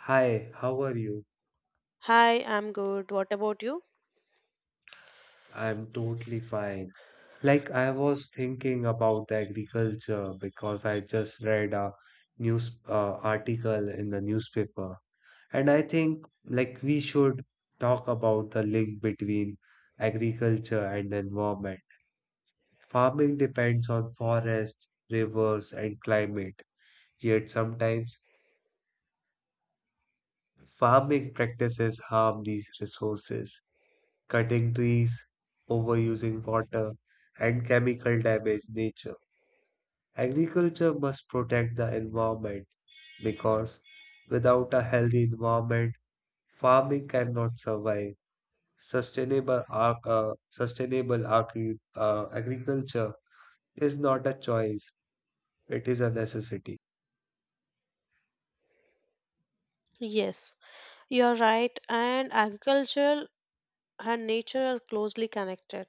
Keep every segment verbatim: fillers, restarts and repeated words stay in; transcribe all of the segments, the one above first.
Hi, how are you? Hi, I'm good. What about you? I'm totally fine. Like, I was thinking about the agriculture because I just read a news uh, article in the newspaper. And I think, like, we should talk about the link between agriculture and the environment. Farming depends on forests, rivers, and climate. Yet sometimes farming practices harm these resources. Cutting trees, overusing water, and chemical damage nature. Agriculture must protect the environment because without a healthy environment, farming cannot survive. Sustainable, ar- uh, sustainable agri- uh, agriculture is not a choice, it is a necessity. Yes, you're right. And agriculture and nature are closely connected.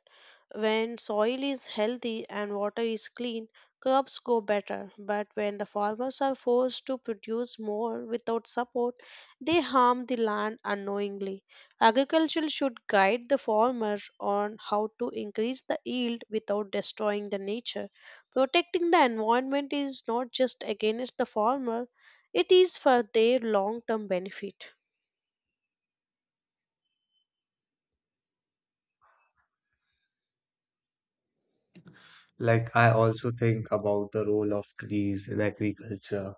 When soil is healthy and water is clean, crops go better. But when the farmers are forced to produce more without support, they harm the land unknowingly. Agriculture should guide the farmer on how to increase the yield without destroying the nature. Protecting the environment is not just against the farmer, it is for their long term benefit. Like, I also think about the role of trees in agriculture,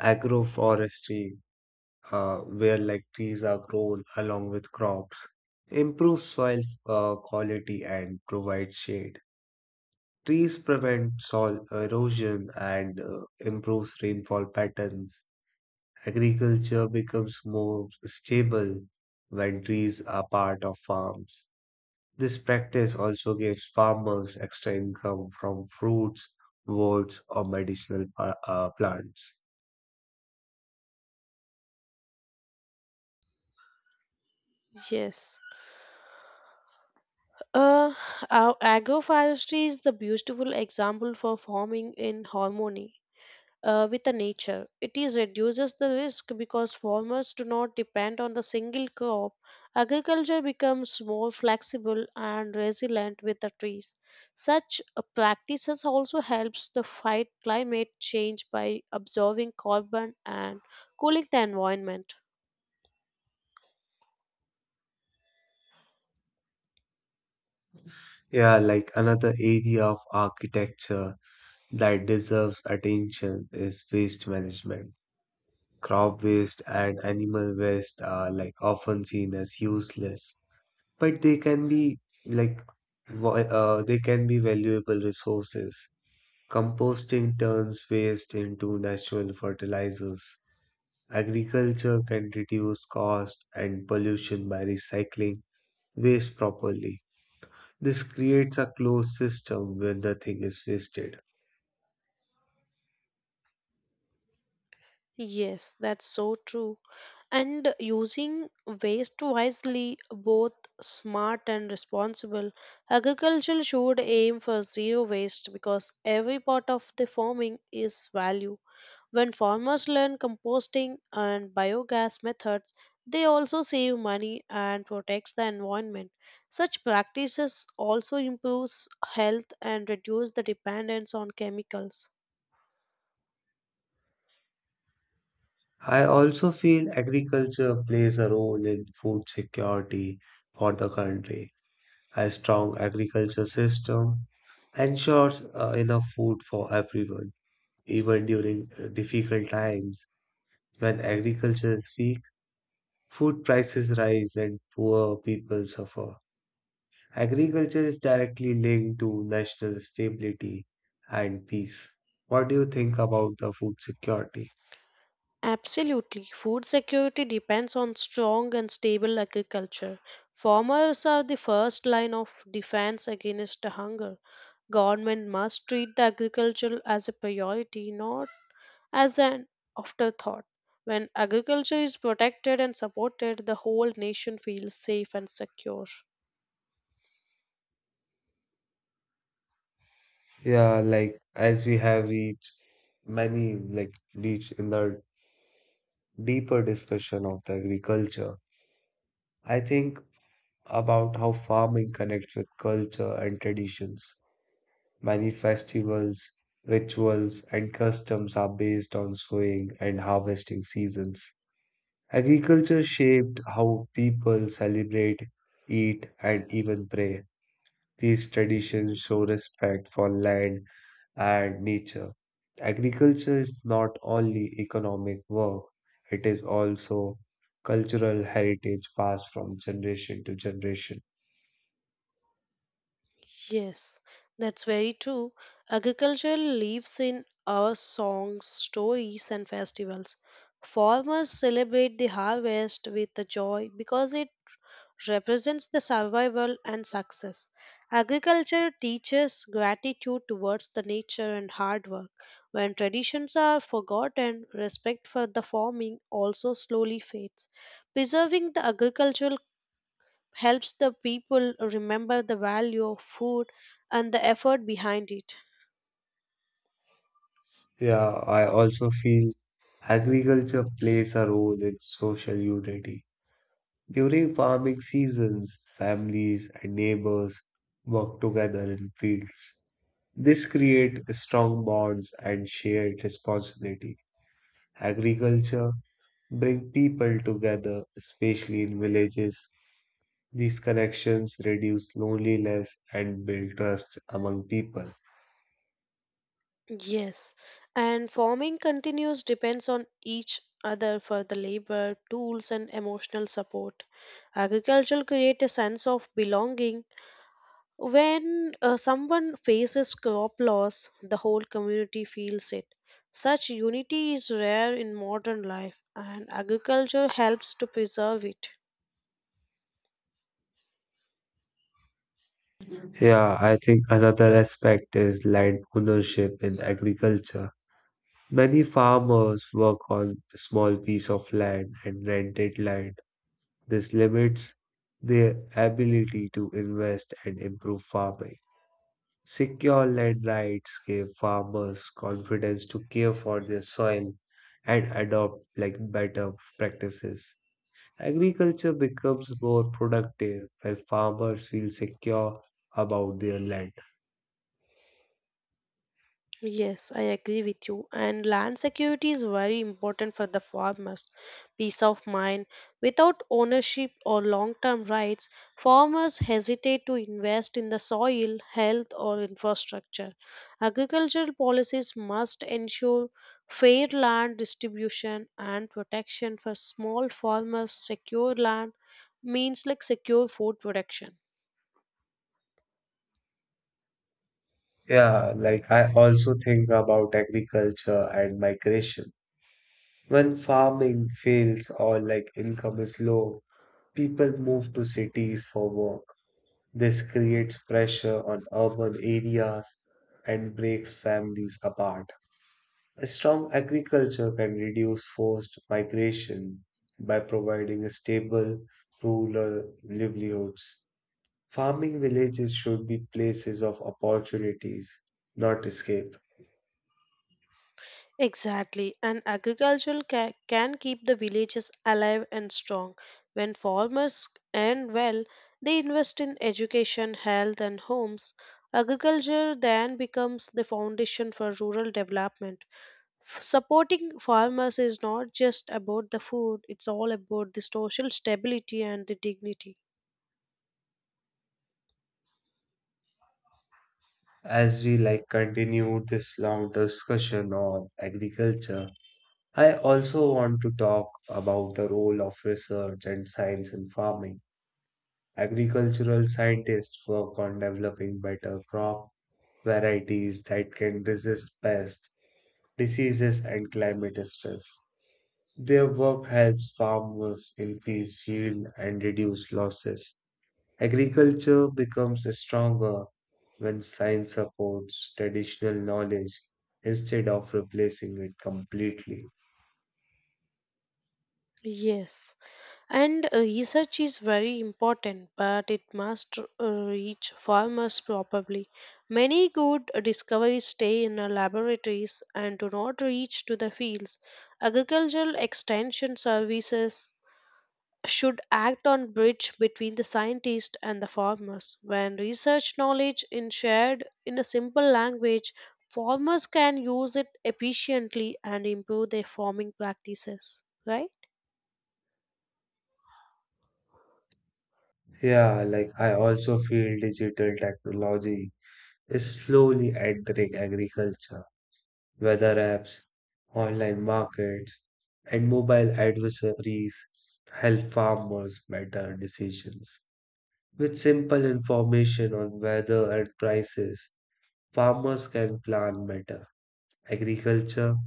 agroforestry uh, where like trees are grown along with crops, improves soil uh, quality and provides shade. Trees prevent soil erosion and uh, improves rainfall patterns. Agriculture becomes more stable when trees are part of farms. This practice also gives farmers extra income from fruits, woods, or medicinal pa- uh, plants. Yes. Uh, our agroforestry is the beautiful example for farming in harmony uh, with the nature. It is reduces the risk because farmers do not depend on the single crop. Agriculture becomes more flexible and resilient with the trees. Such uh, practices also helps to fight climate change by absorbing carbon and cooling the environment. Yeah, like another area of architecture that deserves attention is waste management. Crop waste and animal waste are like often seen as useless, but they can be like vo- uh, they can be valuable resources. Composting turns waste into natural fertilizers. Agriculture can reduce cost and pollution by recycling waste properly. This creates a closed system where nothing is wasted. Yes, that's so true. And using waste wisely both smart and responsible agriculture should aim for zero waste because every part of the farming is value when farmers learn composting and biogas methods they also save money and protects the environment such practices also improves health and reduce the dependence on chemicals. I also feel agriculture plays a role in food security for the country. A strong agriculture system ensures uh, enough food for everyone, even during uh, difficult times. When agriculture is weak, food prices rise and poor people suffer. Agriculture is directly linked to national stability and peace. What do you think about the food security? Absolutely. Food security depends on strong and stable agriculture. Farmers are the first line of defense against the hunger. Government must treat the agriculture as a priority, not as an afterthought. When agriculture is protected and supported, the whole nation feels safe and secure. Yeah, like as we have reached many like reach in the deeper discussion of the agriculture. I think about how farming connects with culture and traditions. Many festivals, rituals, and customs are based on sowing and harvesting seasons. Agriculture shaped how people celebrate, eat, and even pray. These traditions show respect for land and nature. Agriculture is not only economic work, it is also cultural heritage passed from generation to generation. Yes, that's very true. Agriculture lives in our songs, stories, and festivals. Farmers celebrate the harvest with the joy because it represents the survival and success. Agriculture teaches gratitude towards the nature and hard work. When traditions are forgotten, respect for the farming also slowly fades. Preserving the agricultural helps the people remember the value of food and the effort behind it. Yeah, I also feel agriculture plays a role in social unity. During farming seasons, families and neighbors work together in fields. This creates strong bonds and shared responsibility. Agriculture bring people together, especially in villages. These connections reduce loneliness and build trust among people. Yes, and farming continues depends on each other for the labor, tools, and emotional support. Agriculture creates a sense of belonging. When uh, someone faces crop loss, the whole community feels it. Such unity is rare in modern life, and agriculture helps to preserve it. Yeah, I think another aspect is land ownership in agriculture. Many farmers work on a small piece of land and rented land. This limits their ability to invest and improve farming. Secure land rights gave farmers confidence to care for their soil and adopt like better practices. Agriculture becomes more productive when farmers feel secure about their land. Yes, I agree with you. And land security is very important for the farmers. Peace of mind. Without ownership or long term rights, farmers hesitate to invest in the soil, health, or infrastructure. Agricultural policies must ensure fair land distribution and protection for small farmers. Secure land means like secure food production. Yeah, like I also think about agriculture and migration. When farming fails or like income is low, people move to cities for work. This creates pressure on urban areas and breaks families apart. A strong agriculture can reduce forced migration by providing stable rural livelihoods. Farming villages should be places of opportunities, not escape. Exactly, and agriculture ca- can keep the villages alive and strong. When farmers earn well, they invest in education, health, and homes. Agriculture then becomes the foundation for rural development. F- Supporting farmers is not just about the food, it's all about the social stability and the dignity. As we like continue this long discussion on agriculture, I also want to talk about the role of research and science in farming. Agricultural scientists work on developing better crop varieties that can resist pests, diseases, and climate stress. Their work helps farmers increase yield and reduce losses. Agriculture becomes stronger when science supports traditional knowledge instead of replacing it completely. Yes. And uh, research is very important, but it must uh, reach farmers properly. Many good discoveries stay in our laboratories and do not reach to the fields. Agricultural extension services should act on bridge between the scientist and the farmers. When research knowledge is shared in a simple language, farmers can use it efficiently and improve their farming practices. Right? Yeah, like I also feel digital technology is slowly entering agriculture, weather apps, online markets, and mobile advisories help farmers better decisions. With simple information on weather and prices, farmers can plan better. Agriculture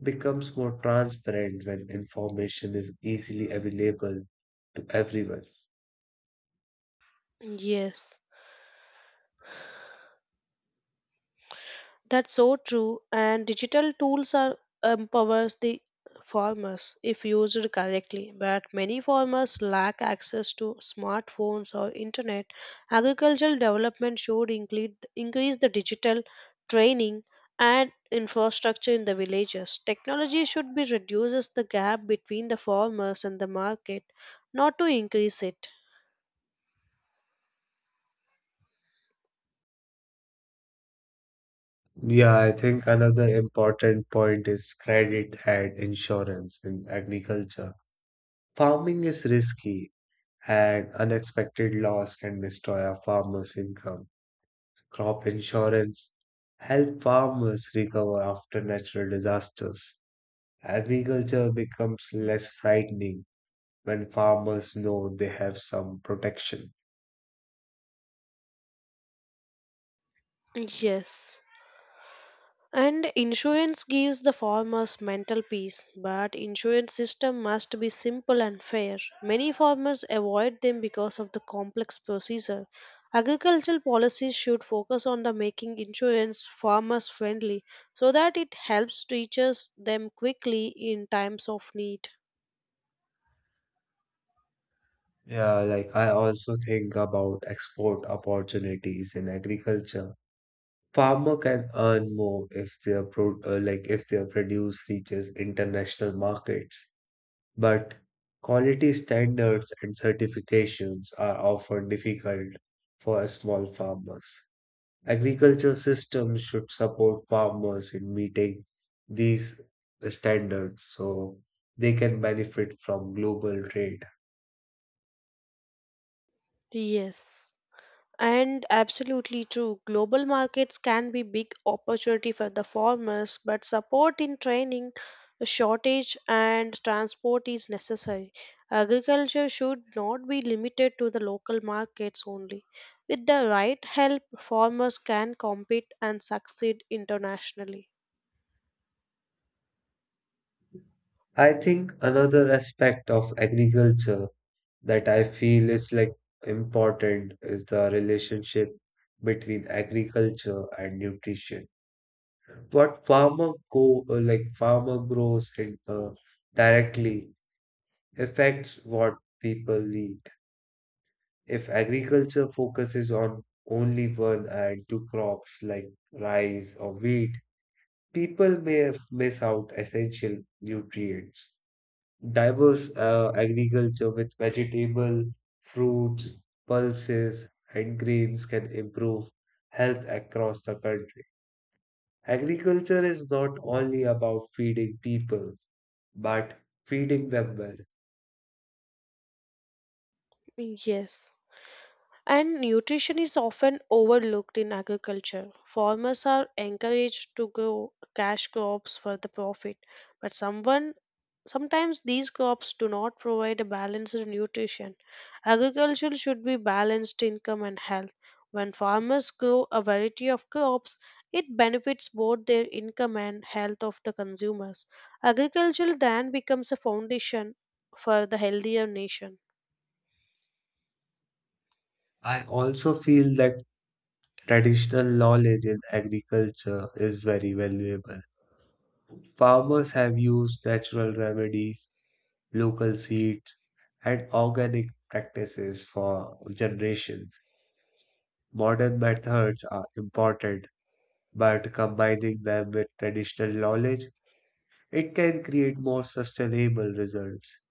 becomes more transparent when information is easily available to everyone. Yes. That's so true. And digital tools are empowers the farmers if used correctly. But many farmers lack access to smartphones or internet. Agricultural development should include increase the digital training and infrastructure in the villages. Technology should be reduces the gap between the farmers and the market, not to increase it. Yeah, I think another important point is credit and insurance in agriculture. Farming is risky. An unexpected loss can destroy a farmer's income. Crop insurance helps farmers recover after natural disasters. Agriculture becomes less frightening when farmers know they have some protection. Yes. And insurance gives the farmers mental peace, but insurance system must be simple and fair. Many farmers avoid them because of the complex procedure. Agricultural policies should focus on the making insurance farmers friendly so that it helps teachers them quickly in times of need. Yeah, like I also think about export opportunities in agriculture. Farmer can earn more if their pro uh, like if their produce reaches international markets. But quality standards and certifications are often difficult for small farmers. Agriculture systems should support farmers in meeting these standards so they can benefit from global trade. Yes. And absolutely true. Global markets can be big opportunity for the farmers, but support in training, shortage and transport is necessary. Agriculture should not be limited to the local markets only. With the right help, farmers can compete and succeed internationally. I think another aspect of agriculture that I feel is like important is the relationship between agriculture and nutrition. What farmer go uh, like farmer grows and uh, directly affects what people eat. If agriculture focuses on only one and two crops like rice or wheat, people may f- miss out essential nutrients. Diverse uh, agriculture with vegetable, fruits, pulses, and grains can improve health across the country. Agriculture is not only about feeding people, but feeding them well. Yes. And nutrition is often overlooked in agriculture. Farmers are encouraged to grow cash crops for the profit, but someone sometimes these crops do not provide a balanced nutrition. Agriculture should be balanced income and health. When farmers grow a variety of crops, it benefits both their income and health of the consumers. Agriculture then becomes a foundation for the healthier nation. I also feel that traditional knowledge in agriculture is very valuable. Farmers have used natural remedies, local seeds, and organic practices for generations. Modern methods are important, but combining them with traditional knowledge, it can create more sustainable results.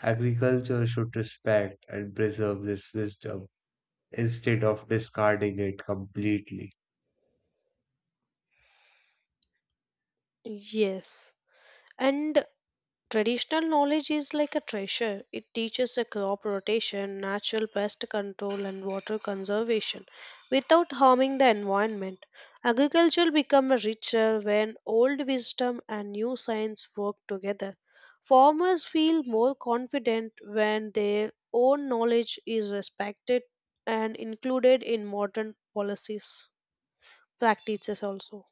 Agriculture should respect and preserve this wisdom instead of discarding it completely. Yes. And traditional knowledge is like a treasure. It teaches a crop rotation, natural pest control, and water conservation without harming the environment. Agriculture becomes richer when old wisdom and new science work together. Farmers feel more confident when their own knowledge is respected and included in modern policies practices also.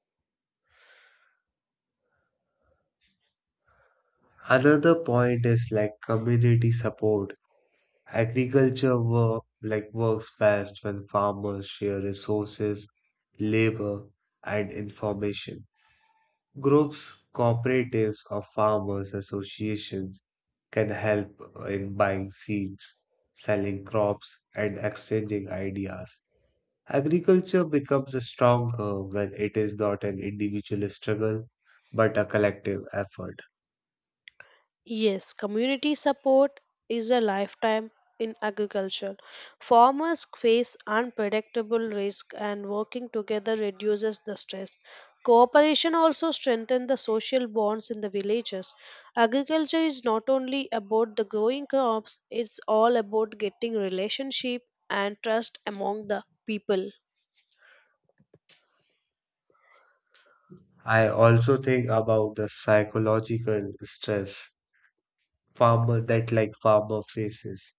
Another point is like community support. Agriculture work like works best when farmers share resources, labor, and information. Groups, cooperatives, or farmers associations can help in buying seeds, selling crops, and exchanging ideas. Agriculture becomes stronger when it is not an individual struggle, but a collective effort. Yes, community support is a lifetime in agriculture. Farmers face unpredictable risk and working together reduces the stress. Cooperation also strengthens the social bonds in the villages. Agriculture is not only about the growing crops, it's all about getting relationship and trust among the people. I also think about the psychological stress farmer that like farmer faces,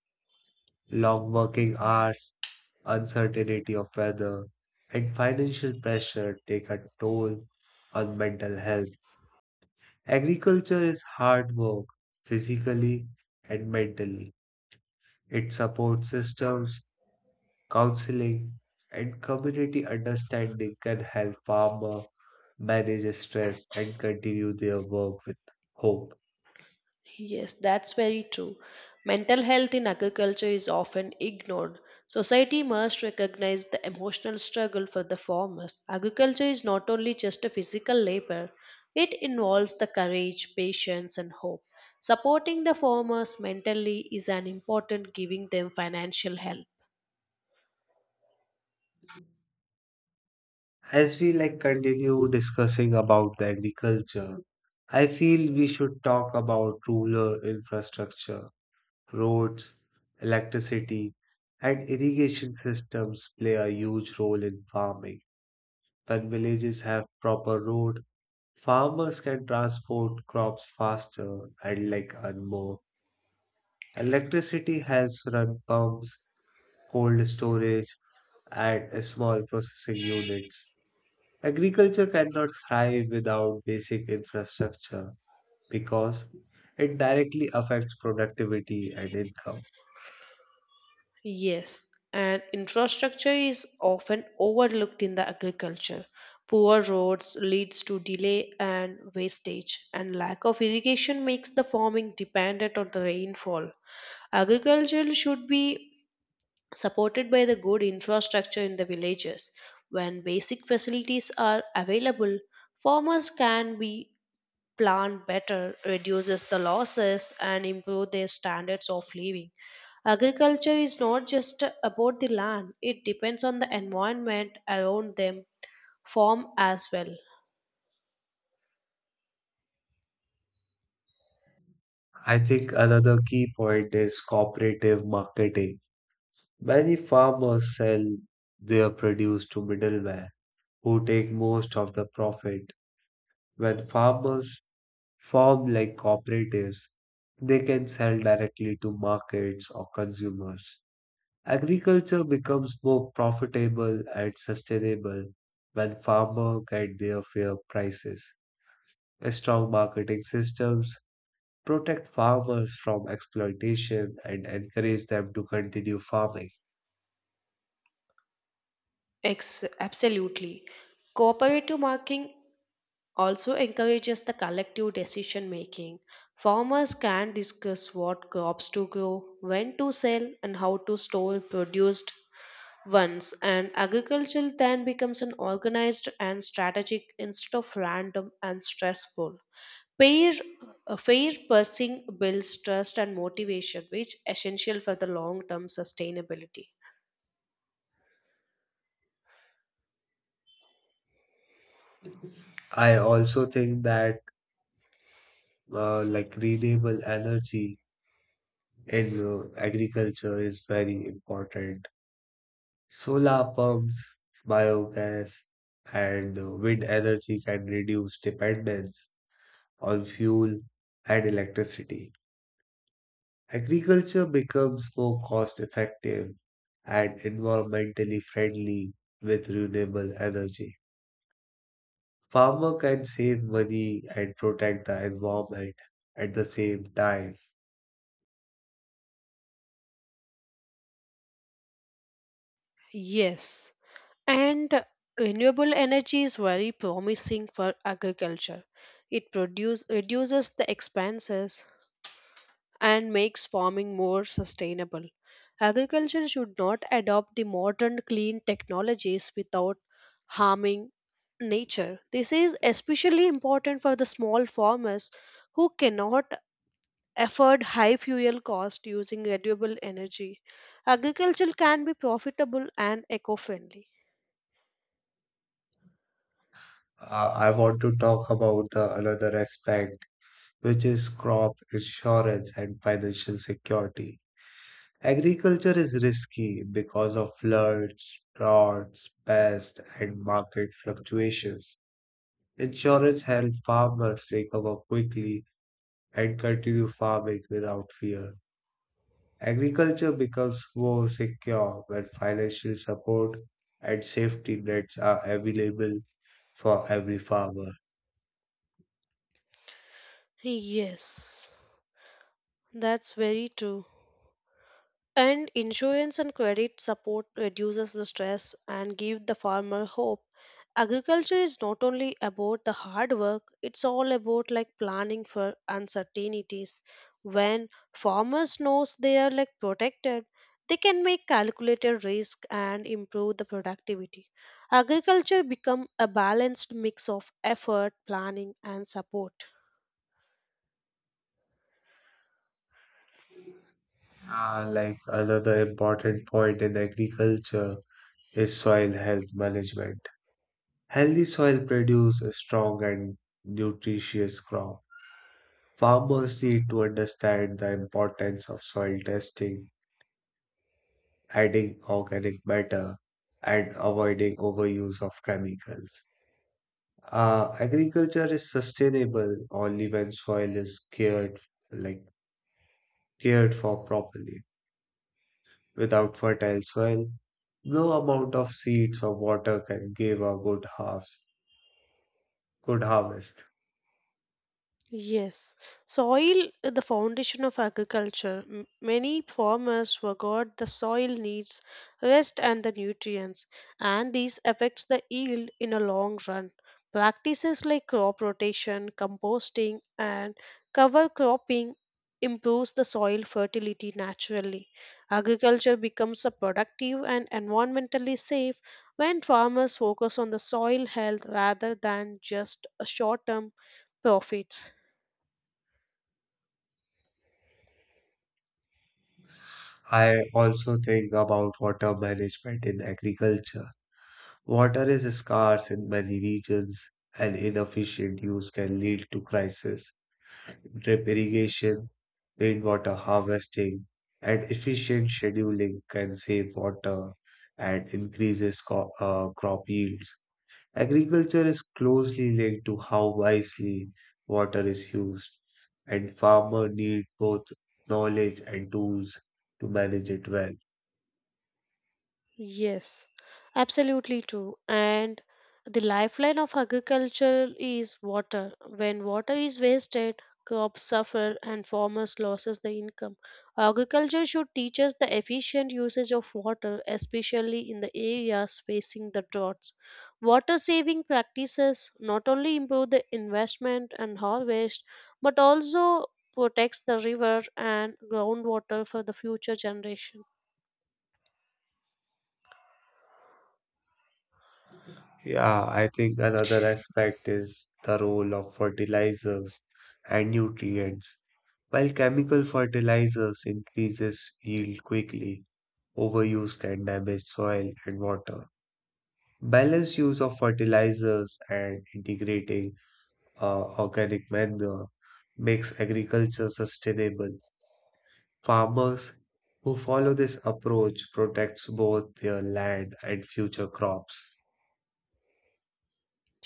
long working hours, uncertainty of weather, and financial pressure take a toll on mental health. Agriculture is hard work physically and mentally. It supports systems counseling, and community understanding can help farmers manage stress and continue their work with hope. Yes, that's very true. Mental health in agriculture is often ignored. Society must recognize the emotional struggle for the farmers. Agriculture is not only just a physical labor, it involves the courage, patience, and hope. Supporting the farmers mentally is an important giving them financial help. As we like continue discussing about the agriculture, I feel we should talk about rural infrastructure, roads, electricity, and irrigation systems play a huge role in farming. When villages have proper road, farmers can transport crops faster and like earn more. Electricity helps run pumps, cold storage, and small processing units. Agriculture cannot thrive without basic infrastructure because it directly affects productivity and income. Yes, and infrastructure is often overlooked in the agriculture. Poor roads leads to delay and wastage, and lack of irrigation makes the farming dependent on the rainfall. Agriculture should be supported by the good infrastructure in the villages. When basic facilities are available, farmers can be plan better, reduces the losses, and improve their standards of living. Agriculture is not just about the land, it depends on the environment around them, farm as well. I think another key point is cooperative marketing. Many farmers sell their produce to middlemen who take most of the profit. When farmers Formed like cooperatives, they can sell directly to markets or consumers. Agriculture becomes more profitable and sustainable when farmers get their fair prices. Strong marketing systems protect farmers from exploitation and encourage them to continue farming. Ex- absolutely. Cooperative marketing also encourages the collective decision making. Farmers can discuss what crops to grow, when to sell, and how to store produced. Once an agricultural then becomes an organized and strategic instead of random and stressful. Fair, uh, fair pricing builds trust and motivation, which essential for the long-term sustainability. I also think that uh, like renewable energy in uh, agriculture is very important. Solar pumps, biogas, and uh, wind energy can reduce dependence on fuel and electricity. Agriculture becomes more cost effective and environmentally friendly with renewable energy. Farmer can save money and protect the environment at the same time. Yes, and renewable energy is very promising for agriculture. It produce, reduces the expenses, and makes farming more sustainable. Agriculture should not adopt the modern clean technologies without harming nature. This is especially important for the small farmers who cannot afford high fuel cost using renewable energy. Agriculture can be profitable and eco-friendly. Uh, I want to talk about the another aspect, which is crop insurance and financial security. Agriculture is risky because of floods, droughts, pests, and market fluctuations. Insurance helps farmers recover quickly and continue farming without fear. Agriculture becomes more secure when financial support and safety nets are available for every farmer. Yes, that's very true. And insurance and credit support reduces the stress and give the farmer hope. Agriculture is not only about the hard work, it's all about like planning for uncertainties. When farmers knows they are like protected, they can make calculated risk and improve the productivity. Agriculture become a balanced mix of effort, planning and support. Ah, like another important point in agriculture is soil health management. Healthy soil produces a strong and nutritious crop. Farmers need to understand the importance of soil testing, adding organic matter, and avoiding overuse of chemicals. Uh, agriculture is sustainable only when soil is cared like cared for properly. Without fertile soil, no amount of seeds or water can give a good harvest. Good harvest. Yes, soil is the foundation of agriculture. M- Many farmers forgot the soil needs rest and the nutrients, and these affects the yield in a long run. Practices like crop rotation, composting, and cover cropping improves the soil fertility naturally. Agriculture becomes a productive and environmentally safe when farmers focus on the soil health rather than just a short-term profits. I also think about water management in agriculture. Water is scarce in many regions, and inefficient use can lead to crisis. Drip irrigation, rainwater harvesting, and efficient scheduling can save water and increases co- uh, crop yields. Agriculture is closely linked to how wisely water is used, and farmers need both knowledge and tools to manage it well. Yes, absolutely true. And the lifeline of agriculture is water. When water is wasted, crops suffer and farmers loses the income. Agriculture should teach us the efficient usage of water, especially in the areas facing the droughts. Water saving practices not only improve the investment and harvest, but also protects the river and groundwater for the future generation. Yeah, I think another aspect is the role of fertilizers and nutrients. While chemical fertilizers increases yield quickly, overuse can damage soil and water. Balanced use of fertilizers and integrating uh, organic manure makes agriculture sustainable. Farmers who follow this approach protects both their land and future crops.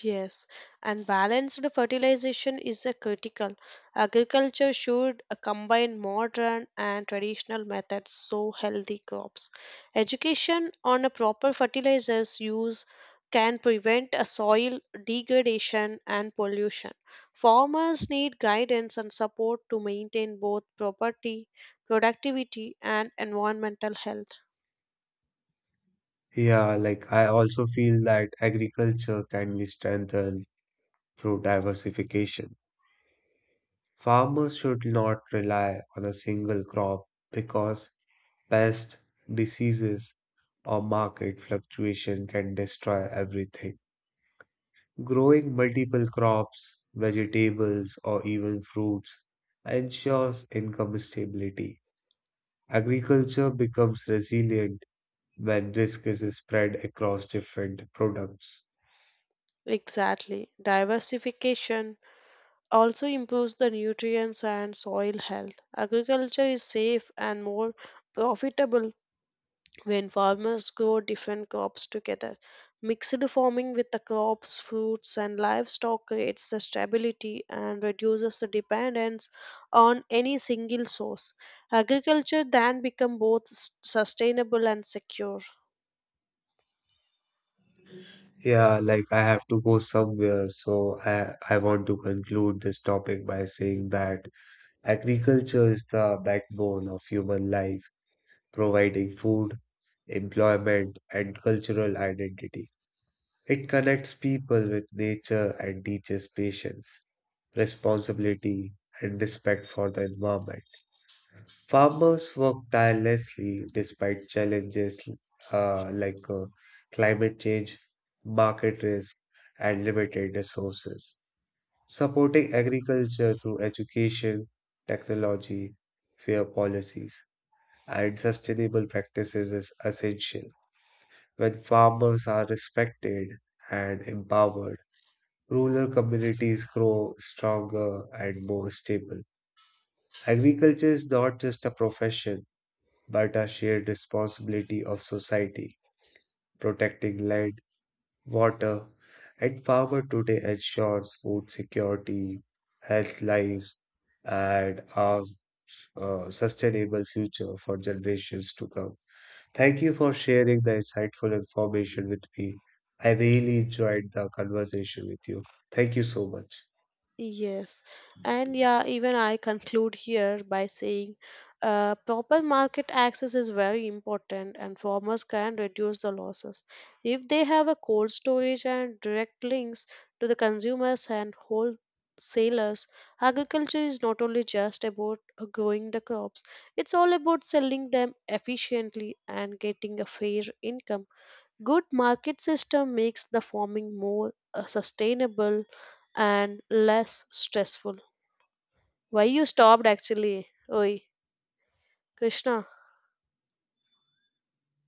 Yes, and balanced fertilization is a critical. Agriculture should uh, combine modern and traditional methods so healthy crops. Education on a proper fertilizers use can prevent a soil degradation and pollution. Farmers need guidance and support to maintain both property, productivity and environmental health. Yeah, like I also feel that agriculture can be strengthened through diversification. Farmers should not rely on a single crop because pests, diseases, or market fluctuation can destroy everything. Growing multiple crops, vegetables, or even fruits ensures income stability. Agriculture becomes resilient when risk is spread across different products. Exactly. Diversification also improves the nutrients and soil health. Agriculture is safe and more profitable when farmers grow different crops together. Mixed farming with the crops, fruits, and livestock creates the stability and reduces the dependence on any single source. Agriculture then becomes both s- sustainable and secure. Yeah, like I have to go somewhere, so I I want to conclude this topic by saying that agriculture is the backbone of human life, providing food, employment, and cultural identity. It connects people with nature and teaches patience, responsibility, and respect for the environment. Farmers work tirelessly despite challenges uh, like uh, climate change, market risk, and limited resources. Supporting agriculture through education, technology, fair policies, and sustainable practices is essential. When farmers are respected and empowered, rural communities grow stronger and more stable. Agriculture is not just a profession but a shared responsibility of society. Protecting land, water, and farmer today ensures food security, health lives, and a uh, sustainable future for generations to come. Thank you for sharing the insightful information with me. I really enjoyed the conversation with you. Thank you so much. Yes, and yeah, even I conclude here by saying uh, proper market access is very important, and farmers can reduce the losses if they have a cold storage and direct links to the consumers and wholesalers. Agriculture is not only just about uh, growing the crops, it's all about selling them efficiently and getting a fair income. Good market system makes the farming more uh, sustainable and less stressful. Why you stopped actually? Oi, Krishna.